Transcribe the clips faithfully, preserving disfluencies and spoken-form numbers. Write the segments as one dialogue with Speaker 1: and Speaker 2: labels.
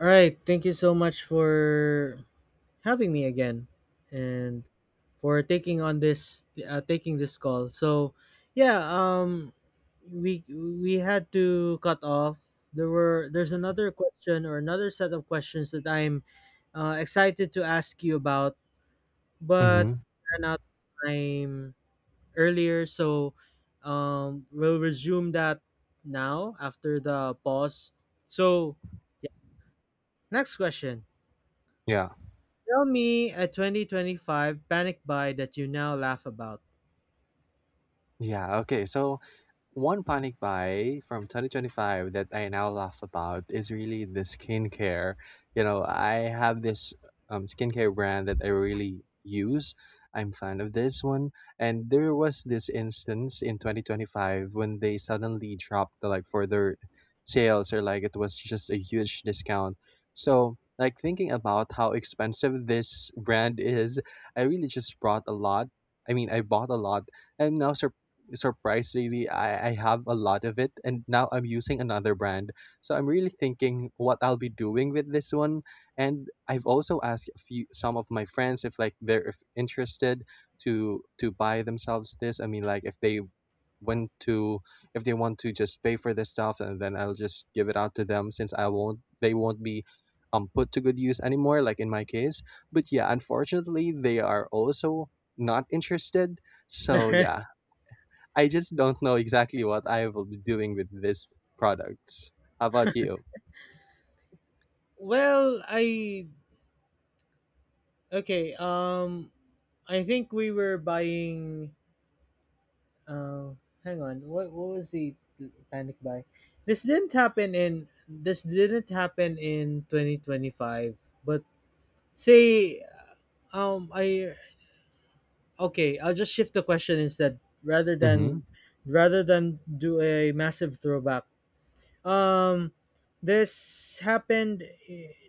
Speaker 1: All right. Thank you so much for having me again, and for taking on this uh, taking this call. So, yeah. Um, we we had to cut off. There were there's another question or another set of questions that I'm uh, excited to ask you about, but
Speaker 2: Mhm.
Speaker 1: ran out of time earlier. So, um, we'll resume that now after the pause. So, yeah. Next question.
Speaker 2: Yeah.
Speaker 1: Tell me a twenty twenty-five panic buy that you now laugh about.
Speaker 2: Yeah, okay. So one panic buy from twenty twenty-five that I now laugh about is really the skincare. You know, I have this um, skincare brand that I really use. I'm fan of this one. And there was this instance in twenty twenty-five when they suddenly dropped the like for their sales or like it was just a huge discount. So like thinking about how expensive this brand is, I really just brought a lot. I mean, I bought a lot. I'm now surprised surprisingly I, I have a lot of it, and now I'm using another brand, so I'm really thinking what I'll be doing with this one. And I've also asked a few some of my friends if like they're if interested to to buy themselves this. I mean, like if they want to if they want to just pay for this stuff and then I'll just give it out to them since I won't they won't be um put to good use anymore, like in my case. But yeah, unfortunately they are also not interested, so yeah, I just don't know exactly what I will be doing with these products. How about you?
Speaker 1: Well, I, okay. Um, I think we were buying. Uh, hang on. What what was the panic buy? This didn't happen in this didn't happen in twenty twenty-five. But say um I okay. I'll just shift the question instead rather
Speaker 2: Mm-hmm.
Speaker 1: than rather than do a massive throwback. Um, this happened.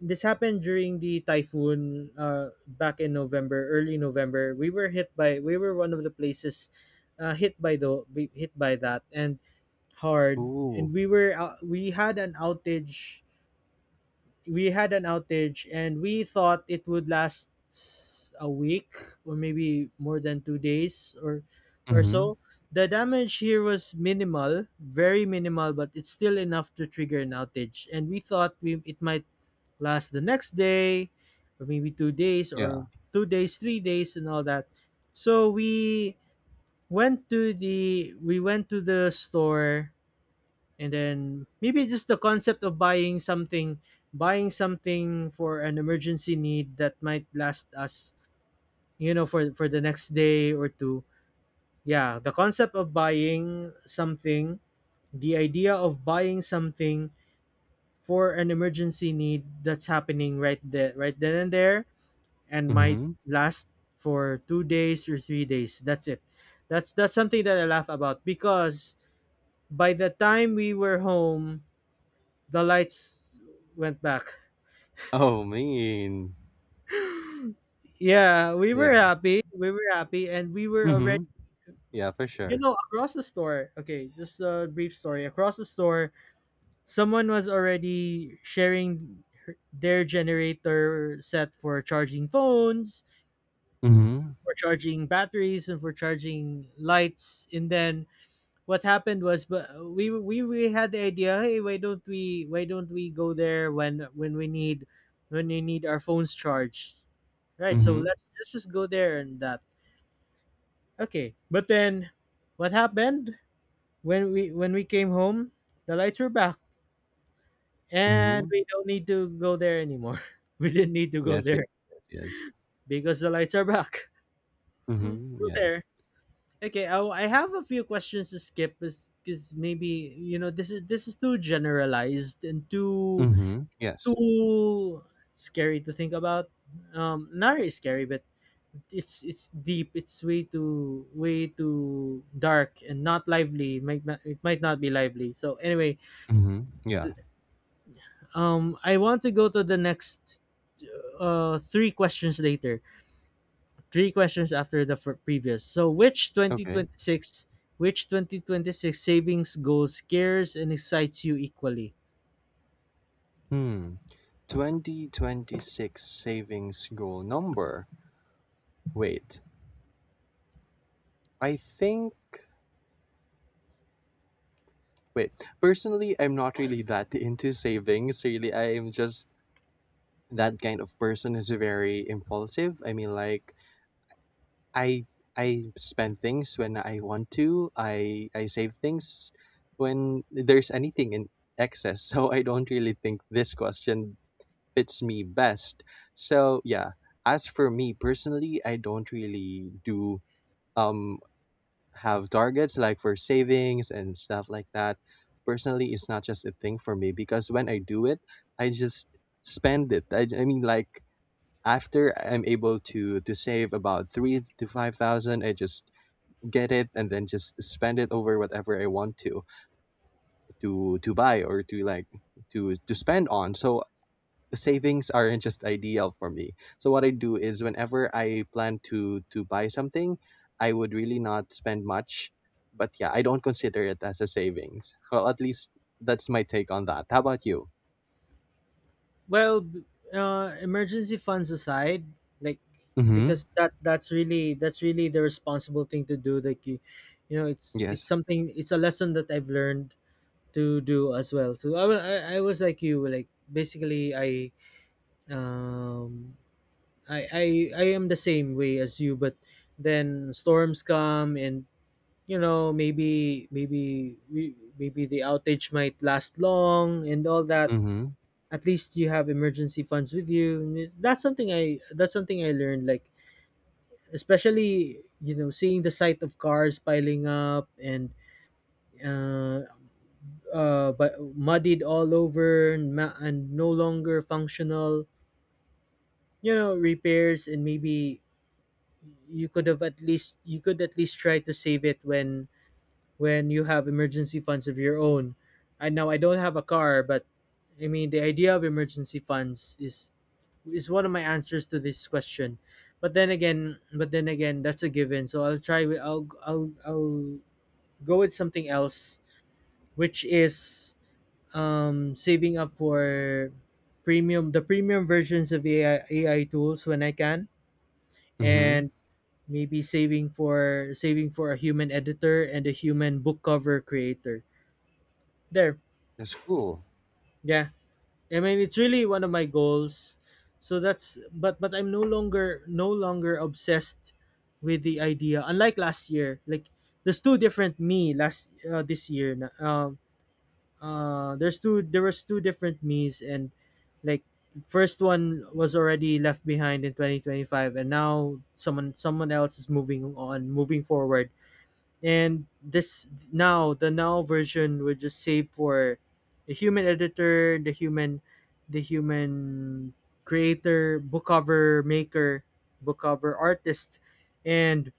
Speaker 1: This happened during the typhoon. Uh, back in November, early November, we were hit by. We were one of the places uh, hit by the hit by that, and hard. And
Speaker 2: Ooh.
Speaker 1: we were out we had an outage we had an outage and we thought it would last a week, or maybe more than two days or or
Speaker 2: Mm-hmm.
Speaker 1: so. The damage here was minimal, very minimal, but it's still enough to trigger an outage, and we thought we it might last the next day or maybe two days or
Speaker 2: Yeah.
Speaker 1: two days three days and all that. So we went to the we went to the store, and then maybe just the concept of buying something, buying something for an emergency need that might last us, you know, for for the next day or two. Yeah, the concept of buying something, the idea of buying something for an emergency need that's happening right there, right then and there, and might
Speaker 2: Mm-hmm.
Speaker 1: last for two days or three days, that's it. That's that's something that I laugh about, because by the time we were home, the lights went back.
Speaker 2: Oh, mean.
Speaker 1: Yeah, we were
Speaker 2: Yeah.
Speaker 1: happy. We were happy, and we were already,
Speaker 2: Mm-hmm. Yeah, for
Speaker 1: you
Speaker 2: sure.
Speaker 1: know, across the store. Okay, just a brief story. Across the store, someone was already sharing her- their generator set for charging phones,
Speaker 2: Mm-hmm.
Speaker 1: for charging batteries, and for charging lights. And then what happened was, but we we we had the idea. Hey, why don't we why don't we go there when when we need when we need our phones charged? Right, so
Speaker 2: Mm-hmm.
Speaker 1: let's, let's just go there and that. Okay, but then what happened when we when we came home? The lights were back, and
Speaker 2: Mm-hmm.
Speaker 1: we don't need to go there anymore. We didn't need to go
Speaker 2: Yes, yes,
Speaker 1: there
Speaker 2: yes, yes.
Speaker 1: because the lights are back.
Speaker 2: Mm-hmm.
Speaker 1: Go
Speaker 2: Yes.
Speaker 1: there. Okay, I, I have a few questions to skip because, maybe, you know, this is this is too generalized and too
Speaker 2: Mhm. Yes.
Speaker 1: too scary to think about. Um, not really scary, but it's it's deep it's way too way too dark and not lively. It might not, it might not be lively. So anyway,
Speaker 2: Mhm. Yeah.
Speaker 1: um I want to go to the next uh three questions later, three questions after the fir- previous. So which
Speaker 2: Okay.
Speaker 1: twenty twenty-six which twenty twenty-six savings goal scares and excites you equally?
Speaker 2: Hmm. twenty twenty-six savings goal number. Wait. I think wait. Personally, I'm not really that into savings. Really, I am just that kind of person who's very impulsive. I mean like I I spend things when I want to. I I save things when there's anything in excess. So I don't really think this question fits me best. So yeah, as for me personally, I don't really do um have targets like for savings and stuff like that. Personally, it's not just a thing for me because when I do it, I just spend it. I, I mean, like after I'm able to to save about three to five thousand, I just get it and then just spend it over whatever I want to to to buy or to like to to spend on. So savings aren't just ideal for me. So what I do is whenever I plan to to buy something, I would really not spend much. But yeah, I don't consider it as a savings. Well, at least that's my take on that. How about you?
Speaker 1: Well, b- uh, emergency funds aside, like,
Speaker 2: Mm-hmm.
Speaker 1: because that that's really that's really the responsible thing to do. Like you, you know, it's it's
Speaker 2: Yes.
Speaker 1: something it's a lesson that I've learned to do as well. So I wa- I, I was like you, like basically I, um I I I am the same way as you, but then storms come and, you know, maybe maybe we maybe the outage might last long and all that.
Speaker 2: Mm-hmm.
Speaker 1: At least you have emergency funds with you. And it's- that's something i that's something I learned, like, especially, you know, seeing the sight of cars piling up and uh uh but muddied all over and, ma- and no longer functional. You know, repairs, and maybe you could have at least you could at least try to save it when when you have emergency funds of your own. I know I don't have a car, but I mean the idea of emergency funds is is one of my answers to this question. But then again, but then again, that's a given. So I'll try. with- I'll I'll I'll go with something else, which is, um saving up for premium the premium versions of A I A I tools when I can,
Speaker 2: Mm-hmm.
Speaker 1: and maybe saving for saving for a human editor and a human book cover creator. There,
Speaker 2: That's cool.
Speaker 1: yeah. I mean, it's really one of my goals. So that's, but but I'm no longer no longer obsessed with the idea. Unlike last year, like, there's two different me last uh, this year. na- Um, uh, there's two there was two different me's, and, like, first one was already left behind in twenty twenty-five, and now someone someone else is moving on, moving forward, and this now the now version would just save for the human editor, the human, the human creator, book cover maker, book cover artist. And,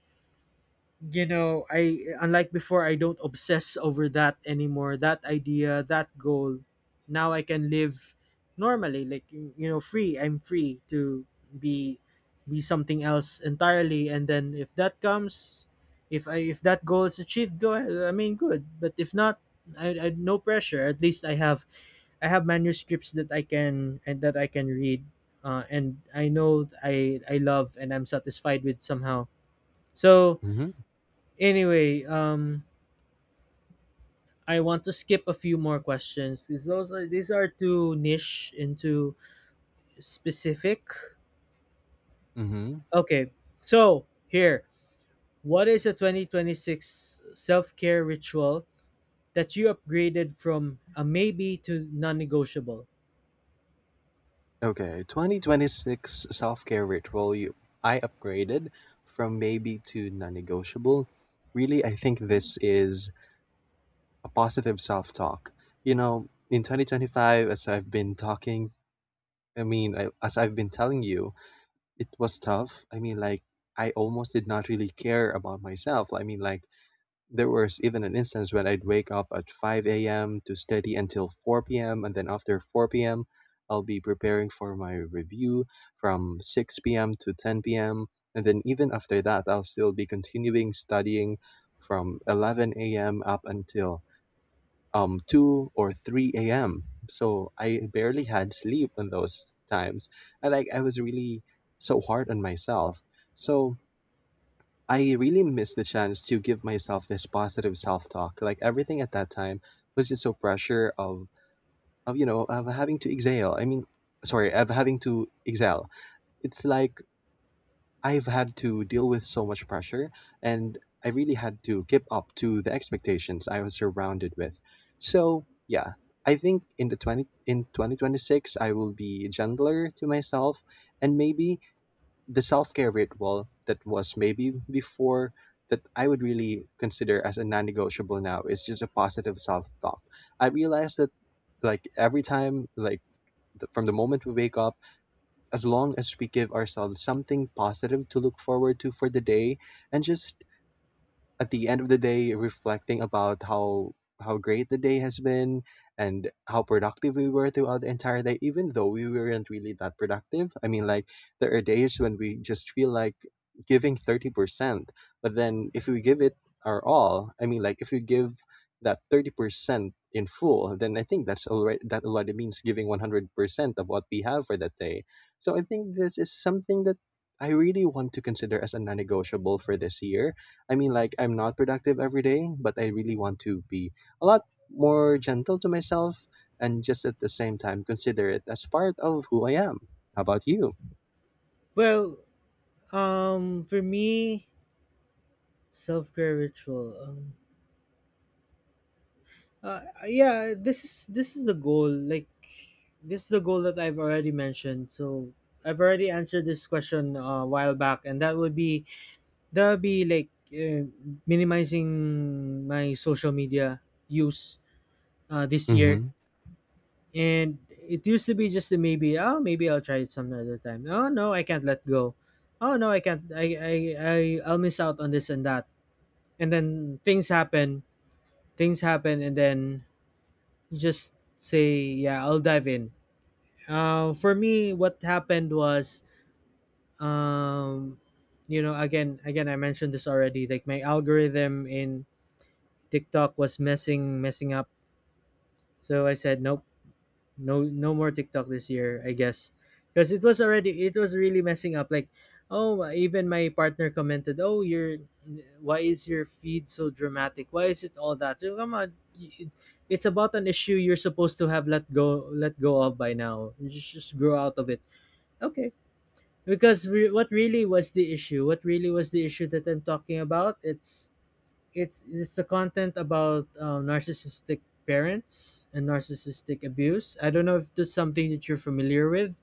Speaker 1: you know, I, unlike before, I don't obsess over that anymore, that idea, that goal. Now I can live normally, like, you know, free. I'm free to be, be something else entirely, and then if that comes, if I, if that goal is achieved, go ahead, I mean, good. But if not, I, I no pressure. At least I have, i have manuscripts that I can, and that i can read, uh, and I know I, i love and I'm satisfied with somehow, so.
Speaker 2: Mm-hmm.
Speaker 1: Anyway, um, I want to skip a few more questions because those are, these are too niche, into specific.
Speaker 2: Mm-hmm.
Speaker 1: Okay, so here, what is a twenty twenty-six self care ritual that you upgraded from a maybe to non negotiable?
Speaker 2: Okay. twenty twenty-six self-care ritual you I upgraded from maybe to non-negotiable. Really, I think this is a positive self-talk. You know, in twenty twenty-five, as I've been talking, I mean, I, as I've been telling you, it was tough. I mean, like, I almost did not really care about myself. I mean, like, there was even an instance when I'd wake up at five a m to study until four p m. And then after four p m, I'll be preparing for my review from six p m to ten p m. And then even after that, I'll still be continuing studying from eleven a m up until um, two or three a m. So I barely had sleep in those times. And like I was really so hard on myself. So I really missed the chance to give myself this positive self-talk. Like everything at that time was just so pressure of of you know of having to exhale. I mean, sorry, of having to exhale. It's like I've had to deal with so much pressure, and I really had to keep up to the expectations I was surrounded with. So, yeah, I think in the twenty in twenty twenty-six I will be gentler to myself, and maybe the self-care ritual that was maybe before that I would really consider as a non-negotiable now is just a positive self-talk. I realize that like every time like the, from the moment we wake up, as long as we give ourselves something positive to look forward to for the day, and just at the end of the day reflecting about how how great the day has been and how productive we were throughout the entire day, even though we weren't really that productive. I mean, like there are days when we just feel like giving thirty percent, but then if we give it our all, I mean like if we give that thirty percent in full, then I think that's already that already means giving one hundred percent of what we have for that day. So I think this is something that I really want to consider as a non-negotiable for this year. I mean, like, I'm not productive every day, but I really want to be a lot more gentle to myself and just at the same time consider it as part of who I am. How about you?
Speaker 1: Well, um, for me, self care ritual. Um, Uh, yeah, this is this is the goal. Like, this is the goal that I've already mentioned. So I've already answered this question uh, a while back, and that would be that would be like, uh, minimizing my social media use uh, this year.
Speaker 2: Mm
Speaker 1: And it used to be just a maybe. Oh, maybe I'll try it some other time. Oh no, I can't let go. Oh no, I can't. I I, I I'll miss out on this and that. And then things happen. Things happen, and then just say yeah, I'll dive in. Uh, for me, what happened was, um you know, again, again I mentioned this already, like, my algorithm in TikTok was messing messing up. So I said, nope, no no more TikTok this year, I guess. Because it was already, it was really messing up. Like, oh, even my partner commented, "Oh, your, why is your feed so dramatic? Why is it all that? Oh, come on, y- it's about an issue you're supposed to have let go, let go of by now. Just, just grow out of it." Okay, because re- what really was the issue? What really was the issue that I'm talking about? It's it's it's the content about uh, narcissistic parents and narcissistic abuse. I don't know if that's something that you're familiar with,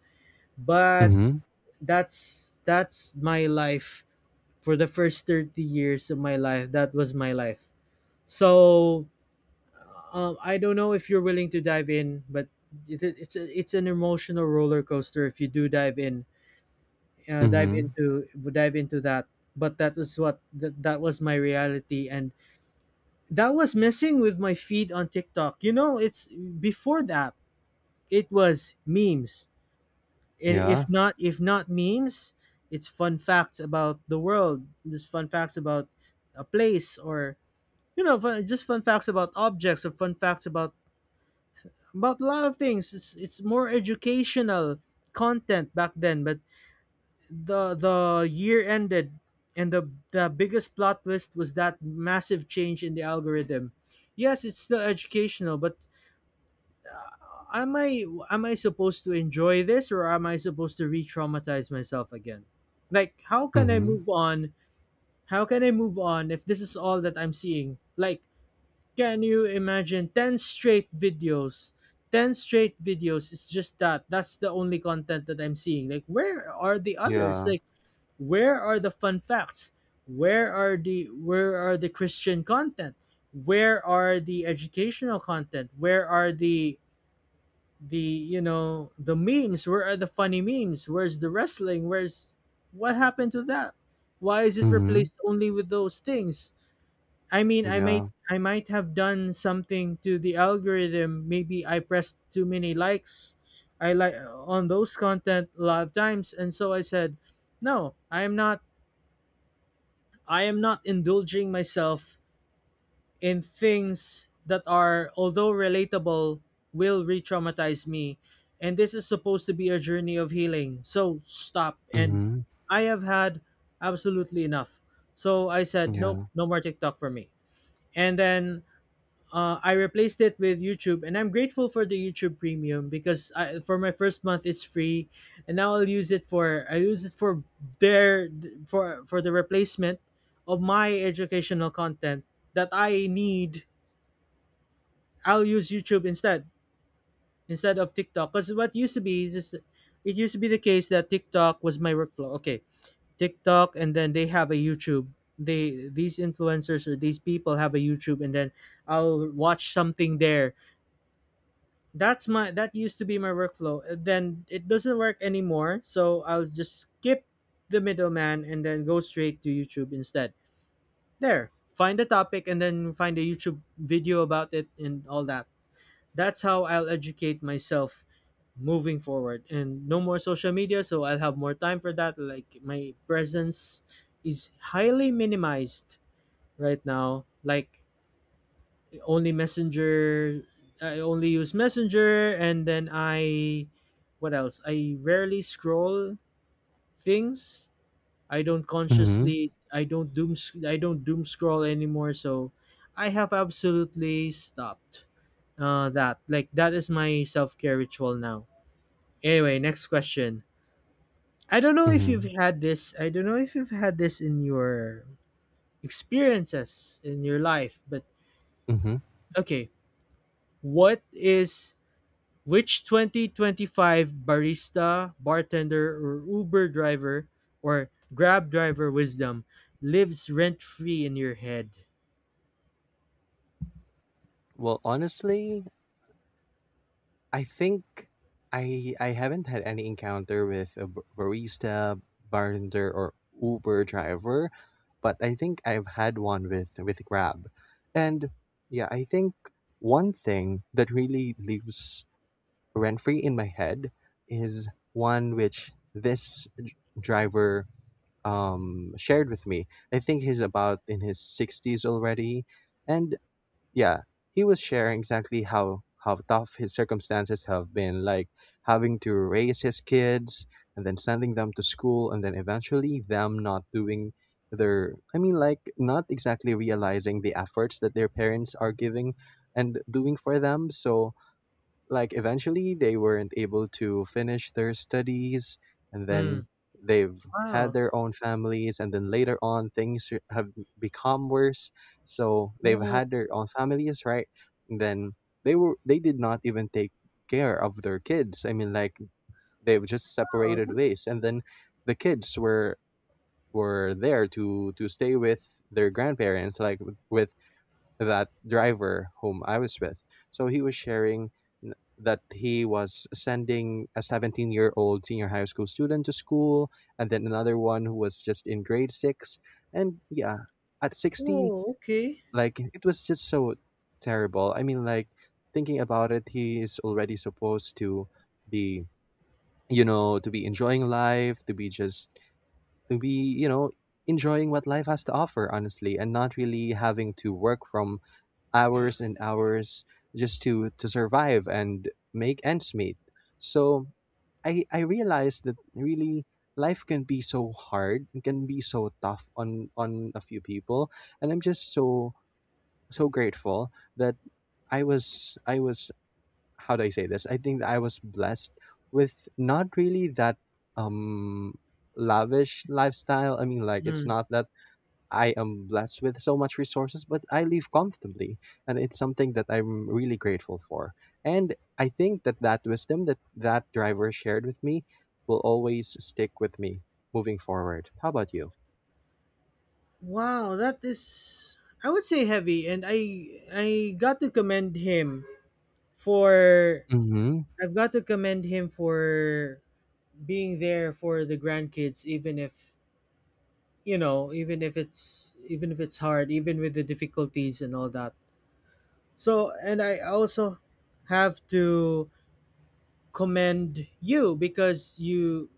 Speaker 2: hmm.
Speaker 1: but
Speaker 2: Mm hmm.
Speaker 1: that's that's my life for the first thirty years of my life. That was my life. So, um, I don't know if you're willing to dive in, but it, it's a, it's an emotional roller coaster if you do dive in, uh,
Speaker 2: Mm
Speaker 1: dive
Speaker 2: hmm.
Speaker 1: into dive into that. But that was what that that was my reality, and that was messing with my feed on TikTok. You know, it's before that, it was memes. And
Speaker 2: Yeah.
Speaker 1: if not, if not memes, it's fun facts about the world. Just fun facts about a place, or, you know, fun, just fun facts about objects, or fun facts about about a lot of things. It's it's more educational content back then, but the the year ended, and the the biggest plot twist was that massive change in the algorithm. Yes, it's still educational, but am I, am I supposed to enjoy this, or am I supposed to re-traumatize myself again? Like, how
Speaker 2: Mm
Speaker 1: can I
Speaker 2: hmm.
Speaker 1: move on? How can I move on if this is all that I'm seeing? Like, can you imagine ten straight videos? ten straight videos, it's just that, that's the only content that I'm seeing. Like, where are the others?
Speaker 2: Yeah.
Speaker 1: Like, where are the fun facts? Where are the where are the Christian content? Where are the educational content? Where are the the you know, the memes? Where are the funny memes? Where's the wrestling? Where's, what happened to that? Why is it
Speaker 2: Mm hmm.
Speaker 1: replaced only with those things? I mean, I might,
Speaker 2: Yeah.
Speaker 1: i might have done something to the algorithm. Maybe I pressed too many likes, I like on those content a lot of times. And so I said, no, I am not, i am not indulging myself in things that are, although relatable, will re traumatize me. And this is supposed to be a journey of healing. So stop.
Speaker 2: Mm
Speaker 1: And
Speaker 2: hmm.
Speaker 1: I have had absolutely enough. So I said, nope,
Speaker 2: Yeah.
Speaker 1: no more TikTok for me. And then uh, I replaced it with YouTube. And I'm grateful for the YouTube Premium because I, for my first month it's free, and now I'll use it for I use it for their for for the replacement of my educational content that I need. I'll use YouTube instead instead of TikTok because what used to be is just it used to be the case that TikTok was my workflow. Okay, TikTok and then they have a YouTube. They These influencers or these people have a YouTube and then I'll watch something there. That's my that used to be my workflow. And then it doesn't work anymore, so I'll just skip the middleman and then go straight to YouTube instead. There, find a topic and then find a YouTube video about it and all that. That's how I'll educate myself moving forward, and no more social media, so I'll have more time for that. Like my presence is highly minimized right now. Like only messenger, I only use messenger, and then I, what else, I rarely scroll things. I don't
Speaker 2: Mm hmm.
Speaker 1: consciously, I don't doom sc- I don't doom scroll anymore. So I have absolutely stopped uh that. Like that is my self-care ritual now. Anyway, next question. I don't know
Speaker 2: Mm
Speaker 1: if
Speaker 2: hmm.
Speaker 1: you've had this. I don't know if you've had this in your experiences in your life, but
Speaker 2: Mm hmm.
Speaker 1: okay. What is Which twenty twenty-five barista, bartender, or Uber driver or Grab driver wisdom lives rent free in your head?
Speaker 2: Well, honestly, I think I I haven't had any encounter with a b- barista, bartender, or Uber driver, but I think I've had one with with Grab, and yeah, I think one thing that really lives rent free in my head is one which this d- driver um shared with me. I think he's about in his sixties already, and yeah, he was sharing exactly how how tough his circumstances have been, like having to raise his kids and then sending them to school, and then eventually them not doing their I mean like not exactly realizing the efforts that their parents are giving and doing for them. So like eventually they weren't able to finish their studies, and then
Speaker 1: Mm.
Speaker 2: they've had
Speaker 1: Wow.
Speaker 2: their own families, and then later on things r- have become worse. So
Speaker 1: Oh,
Speaker 2: they've
Speaker 1: wow.
Speaker 2: had their own families, right, and then they were they did not even take care of their kids. I mean like they've just separated
Speaker 1: That-
Speaker 2: ways, and then the kids were were there to to stay with their grandparents, like w- with that driver whom I was with. So he was sharing n- that he was sending a seventeen year old senior high school student to school, and then another one who was just in grade six. And yeah, at sixty,
Speaker 1: oh, okay.
Speaker 2: like it was just so terrible. I mean, like thinking about it, he is already supposed to be, you know, to be enjoying life, to be just, to be, you know, enjoying what life has to offer honestly, and not really having to work from hours and hours just to to survive and make ends meet. So I I realized that really life can be so hard and can be so tough on on a few people, and I'm just so so grateful that I was I was how do I say this? I think that I was blessed with not really that um lavish lifestyle. I mean like it's
Speaker 1: Mm.
Speaker 2: not that I am blessed with so much resources, but I live comfortably. And it's something that I'm really grateful for. And I think that that wisdom that that driver shared with me will always stick with me moving forward. How about you?
Speaker 1: Wow, that is, I would say, heavy, and I I got to commend him for,
Speaker 2: Mm-hmm.
Speaker 1: I've got to commend him for being there for the grandkids, even if, you know, even if it's even if it's hard, even with the difficulties and all that. So, and I also have to commend you because you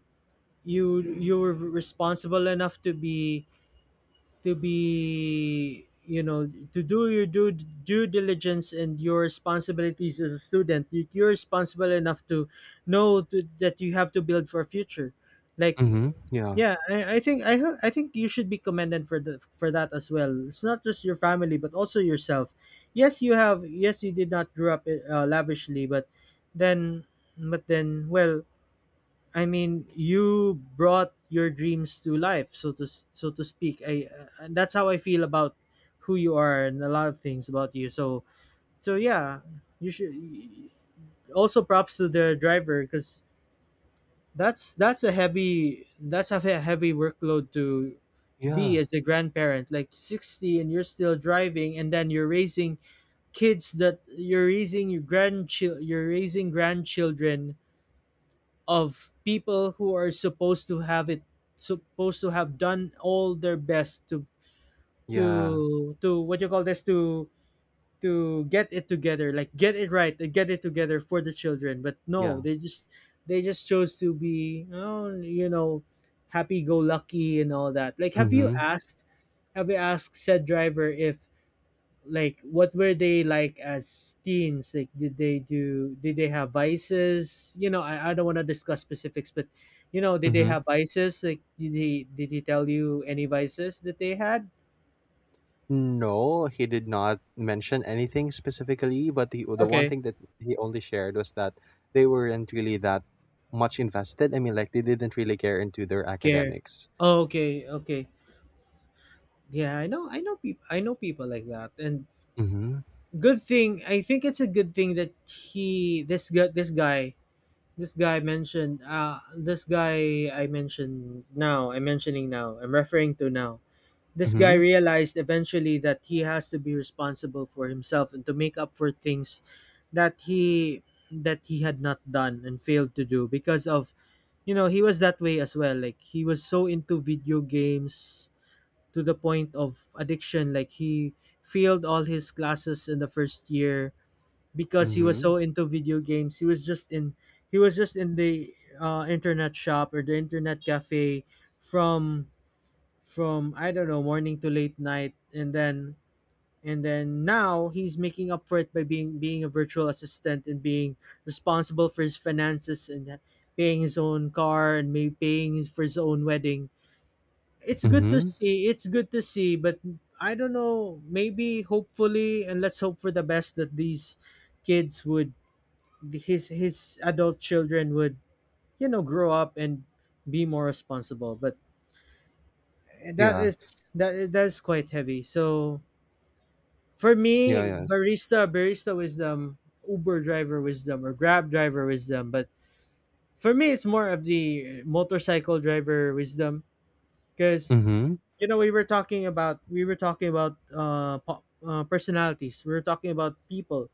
Speaker 1: you you were responsible enough to be, to be, you know, to do your due, due diligence and your responsibilities as a student. You, you're responsible enough to know to, that you have to build for a future, like,
Speaker 2: Mm-hmm. Yeah.
Speaker 1: yeah, I, I think I, ho- I think you should be commended for the, for that as well. It's not just your family but also yourself. Yes, you have, yes, you did not grow up uh, lavishly, but then, but then, well, I mean, you brought your dreams to life, so to, so to speak. I uh, And that's how I feel about who you are and a lot of things about you. So, so yeah, you should also, props to the driver, because that's that's a heavy, that's a he- heavy workload to be
Speaker 2: Yeah.
Speaker 1: as a grandparent, like sixty and you're still driving, and then you're raising kids that you're raising, your grandchild you're raising grandchildren of people who are supposed to have it, supposed to have done all their best to,
Speaker 2: Yeah.
Speaker 1: to to, what you call this, to to get it together, like get it right and get it together for the children, but no,
Speaker 2: Yeah.
Speaker 1: they just, they just chose to be, oh, you know, happy go lucky and all that. Like, have you
Speaker 2: Mm-hmm.
Speaker 1: asked have you asked said driver if, like, what were they like as teens? Like did they do, did they have vices? You know, i, I don't want to discuss specifics, but, you know, did they
Speaker 2: Mm-hmm.
Speaker 1: have vices? Like did he did he tell you any vices that they had?
Speaker 2: No, he did not mention anything specifically, but the the one
Speaker 1: Okay.
Speaker 2: thing that he only shared was that they weren't really that much invested. I mean, like they didn't really care into their
Speaker 1: Care.
Speaker 2: academics.
Speaker 1: Oh, okay, okay. Yeah, I know, i know people I know people like that, and
Speaker 2: Mm-hmm.
Speaker 1: good thing, I think it's a good thing that he this guy this guy this guy mentioned, uh this guy I mentioned now I'm mentioning now I'm referring to now. This guy
Speaker 2: Mm-hmm.
Speaker 1: realized eventually that he has to be responsible for himself and to make up for things that he that he had not done and failed to do because of, you know, he was that way as well. Like he was so into video games to the point of addiction. Like he failed all his classes in the first year because he was
Speaker 2: Mm-hmm.
Speaker 1: so into video games. He was just in he was just in the uh, internet shop or the internet cafe from from I don't know, morning to late night, and then, and then now he's making up for it by being being a virtual assistant and being responsible for his finances and paying his own car and maybe paying his, for his own wedding. It's good to
Speaker 2: Mm-hmm.
Speaker 1: see. It's good to see, but I don't know. Maybe hopefully, and let's hope for the best that these kids would, his his adult children would, you know, grow up and be more responsible, but that
Speaker 2: Yeah.
Speaker 1: is, that, that is quite heavy. So for me,
Speaker 2: Yeah, yes.
Speaker 1: barista, barista wisdom, Uber driver wisdom, or Grab driver wisdom. But for me, it's more of the motorcycle driver wisdom, because,
Speaker 2: Mm-hmm.
Speaker 1: you know, we were talking about we were talking about uh, po- uh personalities. We were talking about people.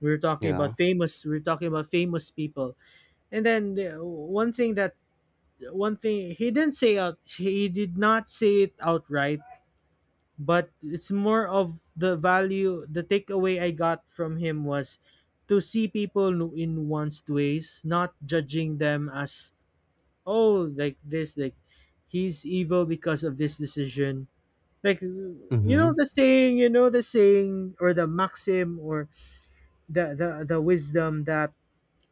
Speaker 1: We were talking
Speaker 2: Yeah.
Speaker 1: about famous. We were talking about famous people. And then the, one thing that, one thing he didn't say out, he did not say it outright, but it's more of the value, the takeaway I got from him was to see people no- in one's ways, not judging them as, oh, like this, like he's evil because of this decision. Like, you know
Speaker 2: Mm-hmm.
Speaker 1: the saying, you know the saying or the maxim or the the, the wisdom that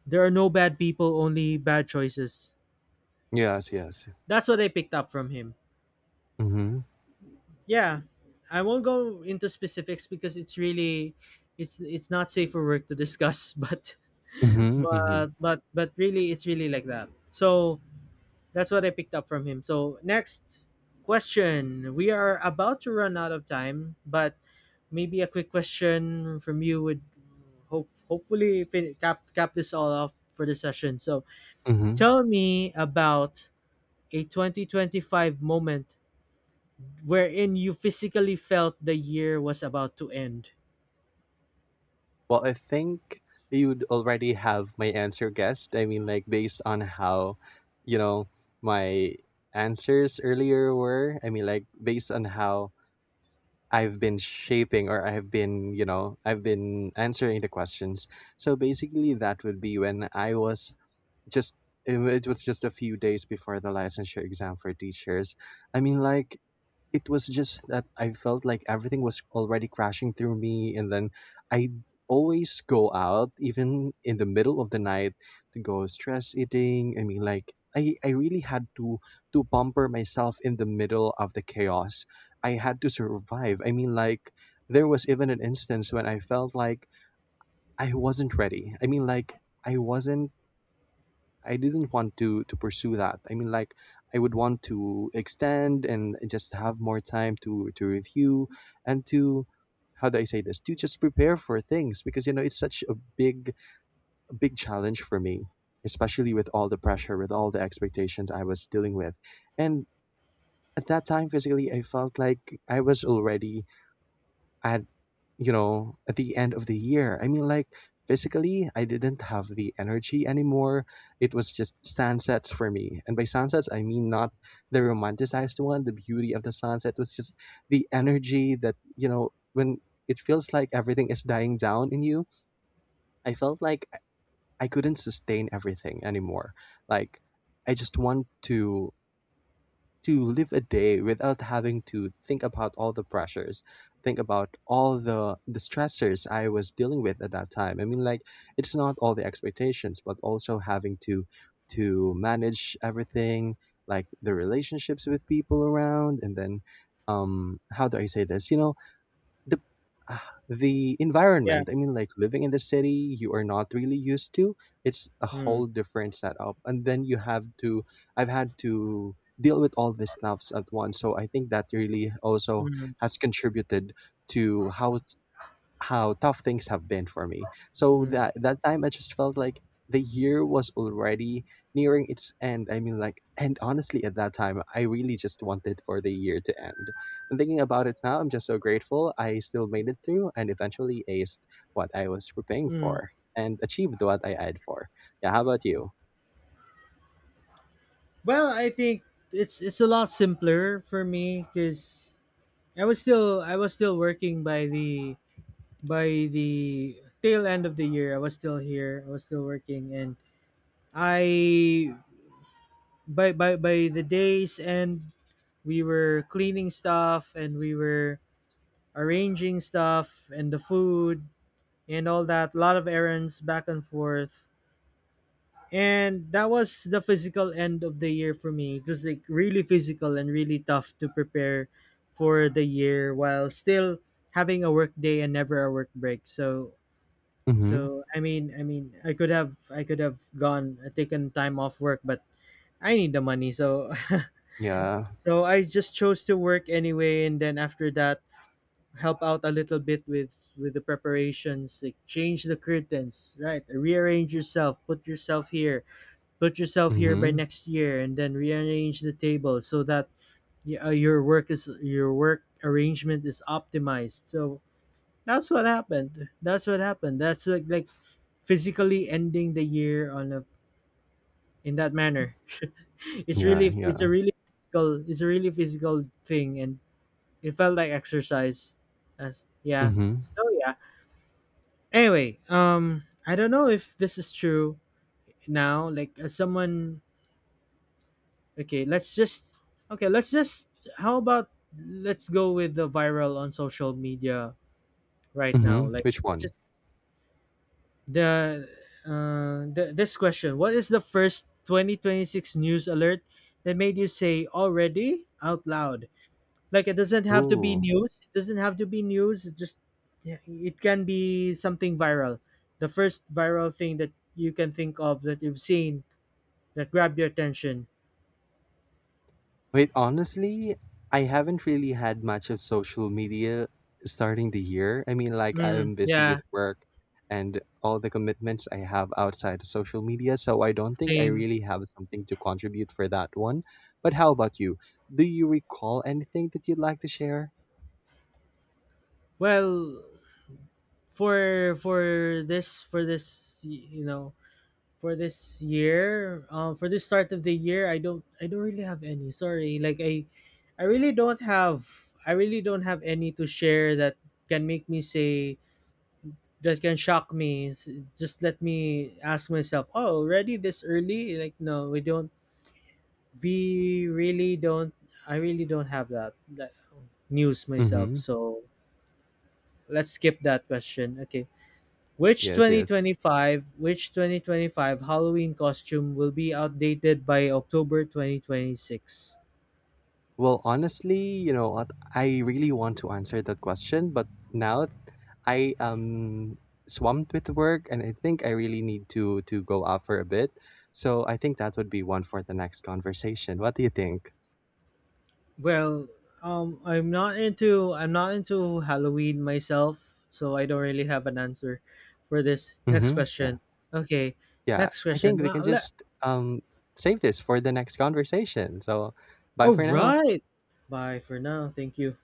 Speaker 1: there are no bad people, only bad choices.
Speaker 2: Yes, yes.
Speaker 1: That's what I picked up from him.
Speaker 2: Mm-hmm.
Speaker 1: Yeah, I won't go into specifics because it's really, it's it's not safe for work to discuss but
Speaker 2: Mm-hmm. Mm-hmm.
Speaker 1: but but but really, it's really like that. So that's what I picked up from him. So next question. We are about to run out of time, but maybe a quick question from you would, hope hopefully fin- cap cap this all off for the session. So
Speaker 2: Mm-hmm.
Speaker 1: tell me about a twenty twenty-five moment wherein you physically felt the year was about to end.
Speaker 2: Well, I think you'd already have my answer guessed. I mean, like based on how, you know, my answers earlier were. I mean, like based on how I've been shaping or I've been, you know, I've been answering the questions. So basically, that would be when I was just it, wa- it was just a few days before the licensure exam for teachers. I mean, like it was just that I felt like everything was already crashing through me, and then I always go out even in the middle of the night to go stress eating. I mean, like I I really had to to pamper myself in the middle of the chaos. I had to survive. I mean, like there was even an instance when I felt like I wasn't ready. I mean, like I wasn't I didn't want to to pursue that. I mean, like I would want to extend and just have more time to to review and to how do I say this, to just prepare for things, because you know it's such a big a big challenge for me, especially with all the pressure, with all the expectations I was dealing with, and at that time physically I felt like I was already at you know at the end of the year. I mean like physically I didn't have the energy anymore. It was just sunsets for me, and by sunsets I mean not the romanticized one, the beauty of the sunset. It was just the energy that you know when it feels like everything is dying down in you. I felt like i I couldn't sustain everything anymore. Like I just want to to live a day without having to think about all the pressures, think about all the the stressors I was dealing with at that time. I mean like it's not all the expectations, but also having to to manage everything, like the relationships with people around, and then um how do I say this, you know, the ah, the
Speaker 1: Yeah.
Speaker 2: environment. I mean, like living in the city, you are not really used to. It's a
Speaker 1: Mm,
Speaker 2: whole different setup, and then you have to. I've had to deal with all these stuffs at once, so I think that really also
Speaker 1: mm,
Speaker 2: has contributed to how how tough things have been for me. So
Speaker 1: mm,
Speaker 2: that that time I just felt like the year was already nearing its end. I mean like, and honestly at that time I really just wanted for the year to end. And thinking about it now, I'm just so grateful I still made it through and eventually aced what I was preparing
Speaker 1: mm.
Speaker 2: for and achieved what I had for. Yeah, how about you?
Speaker 1: Well, I think it's it's a lot simpler for me because I was still I was still working by the, by the tail end of the year. I was still here. I was still working, and I, by by by the day's end, we were cleaning stuff and we were arranging stuff and the food and all that. A lot of errands back and forth. And that was the physical end of the year for me. It was like really physical and really tough to prepare for the year while still having a work day and never a work break. So,
Speaker 2: Mhm.
Speaker 1: so I mean, i mean I could have, I could have gone, uh, taken time off work, but I need the money, so
Speaker 2: Yeah.
Speaker 1: so I just chose to work anyway, and then after that, help out a little bit with with the preparations, like change the curtains, right, rearrange yourself, put yourself here, put yourself here by
Speaker 2: Mhm.
Speaker 1: next year, and then rearrange the table so that y- uh, your work is your work arrangement is optimized. So that's what happened, that's what happened. That's like like physically ending the year on a, in that manner. It's
Speaker 2: Yeah,
Speaker 1: really, it's
Speaker 2: yeah.
Speaker 1: a really physical, it's a really physical thing, and it felt like exercise, as, yeah.
Speaker 2: Mhm.
Speaker 1: So yeah. Anyway, um, I don't know if this is true now, like as someone, okay, let's just okay, let's just, how about let's go with the viral on social media right now.
Speaker 2: Mhm.
Speaker 1: Like
Speaker 2: Which
Speaker 1: which
Speaker 2: one?
Speaker 1: is the, uh the, this question. What is the first twenty twenty-six news alert that made you say already out loud? Like it doesn't have to be
Speaker 2: Ooh.
Speaker 1: news. It doesn't have to be news. It just, yeah, it can be something viral. The first viral thing that you can think of that you've seen that grabbed your attention.
Speaker 2: Wait, honestly, I haven't really had much of social media starting the year. I mean, like,
Speaker 1: Mm,
Speaker 2: I'm busy
Speaker 1: yeah,
Speaker 2: with work and all the commitments I have outside of social media, so I don't think I
Speaker 1: same.
Speaker 2: really have something to contribute for that one. But how about you? Do you recall anything that you'd like to share?
Speaker 1: Well, for for this, for this y- you know, for this year, um, for this start of the year, I don't, I don't really have any, sorry, like i I really don't have, I really don't have any to share that can make me say, that can shock me. S- just let me ask myself, oh, already this early, like no, we don't, we really don't, I really don't have that, that news myself.
Speaker 2: Mm-hmm.
Speaker 1: So let's skip that question. Okay,
Speaker 2: Yes,
Speaker 1: Which
Speaker 2: yes.
Speaker 1: 2025 which twenty twenty-five Halloween costume will be outdated by October twenty twenty-six?
Speaker 2: Well, honestly, you know what? I really want to answer that question, but now I am swamped with work, and I think I really need to to go out for a bit. So I think that would be one for the next conversation. What do you think?
Speaker 1: Well, um, I'm not into, I'm not into Halloween myself, so I don't really have an answer for this next
Speaker 2: Mm-hmm. Yeah.
Speaker 1: question. Okay,
Speaker 2: Yeah.
Speaker 1: next
Speaker 2: I think
Speaker 1: question.
Speaker 2: we
Speaker 1: Uh,
Speaker 2: can
Speaker 1: le-
Speaker 2: just um save this for the next conversation. So bye
Speaker 1: All
Speaker 2: for now.
Speaker 1: right. Bye for now. Thank you.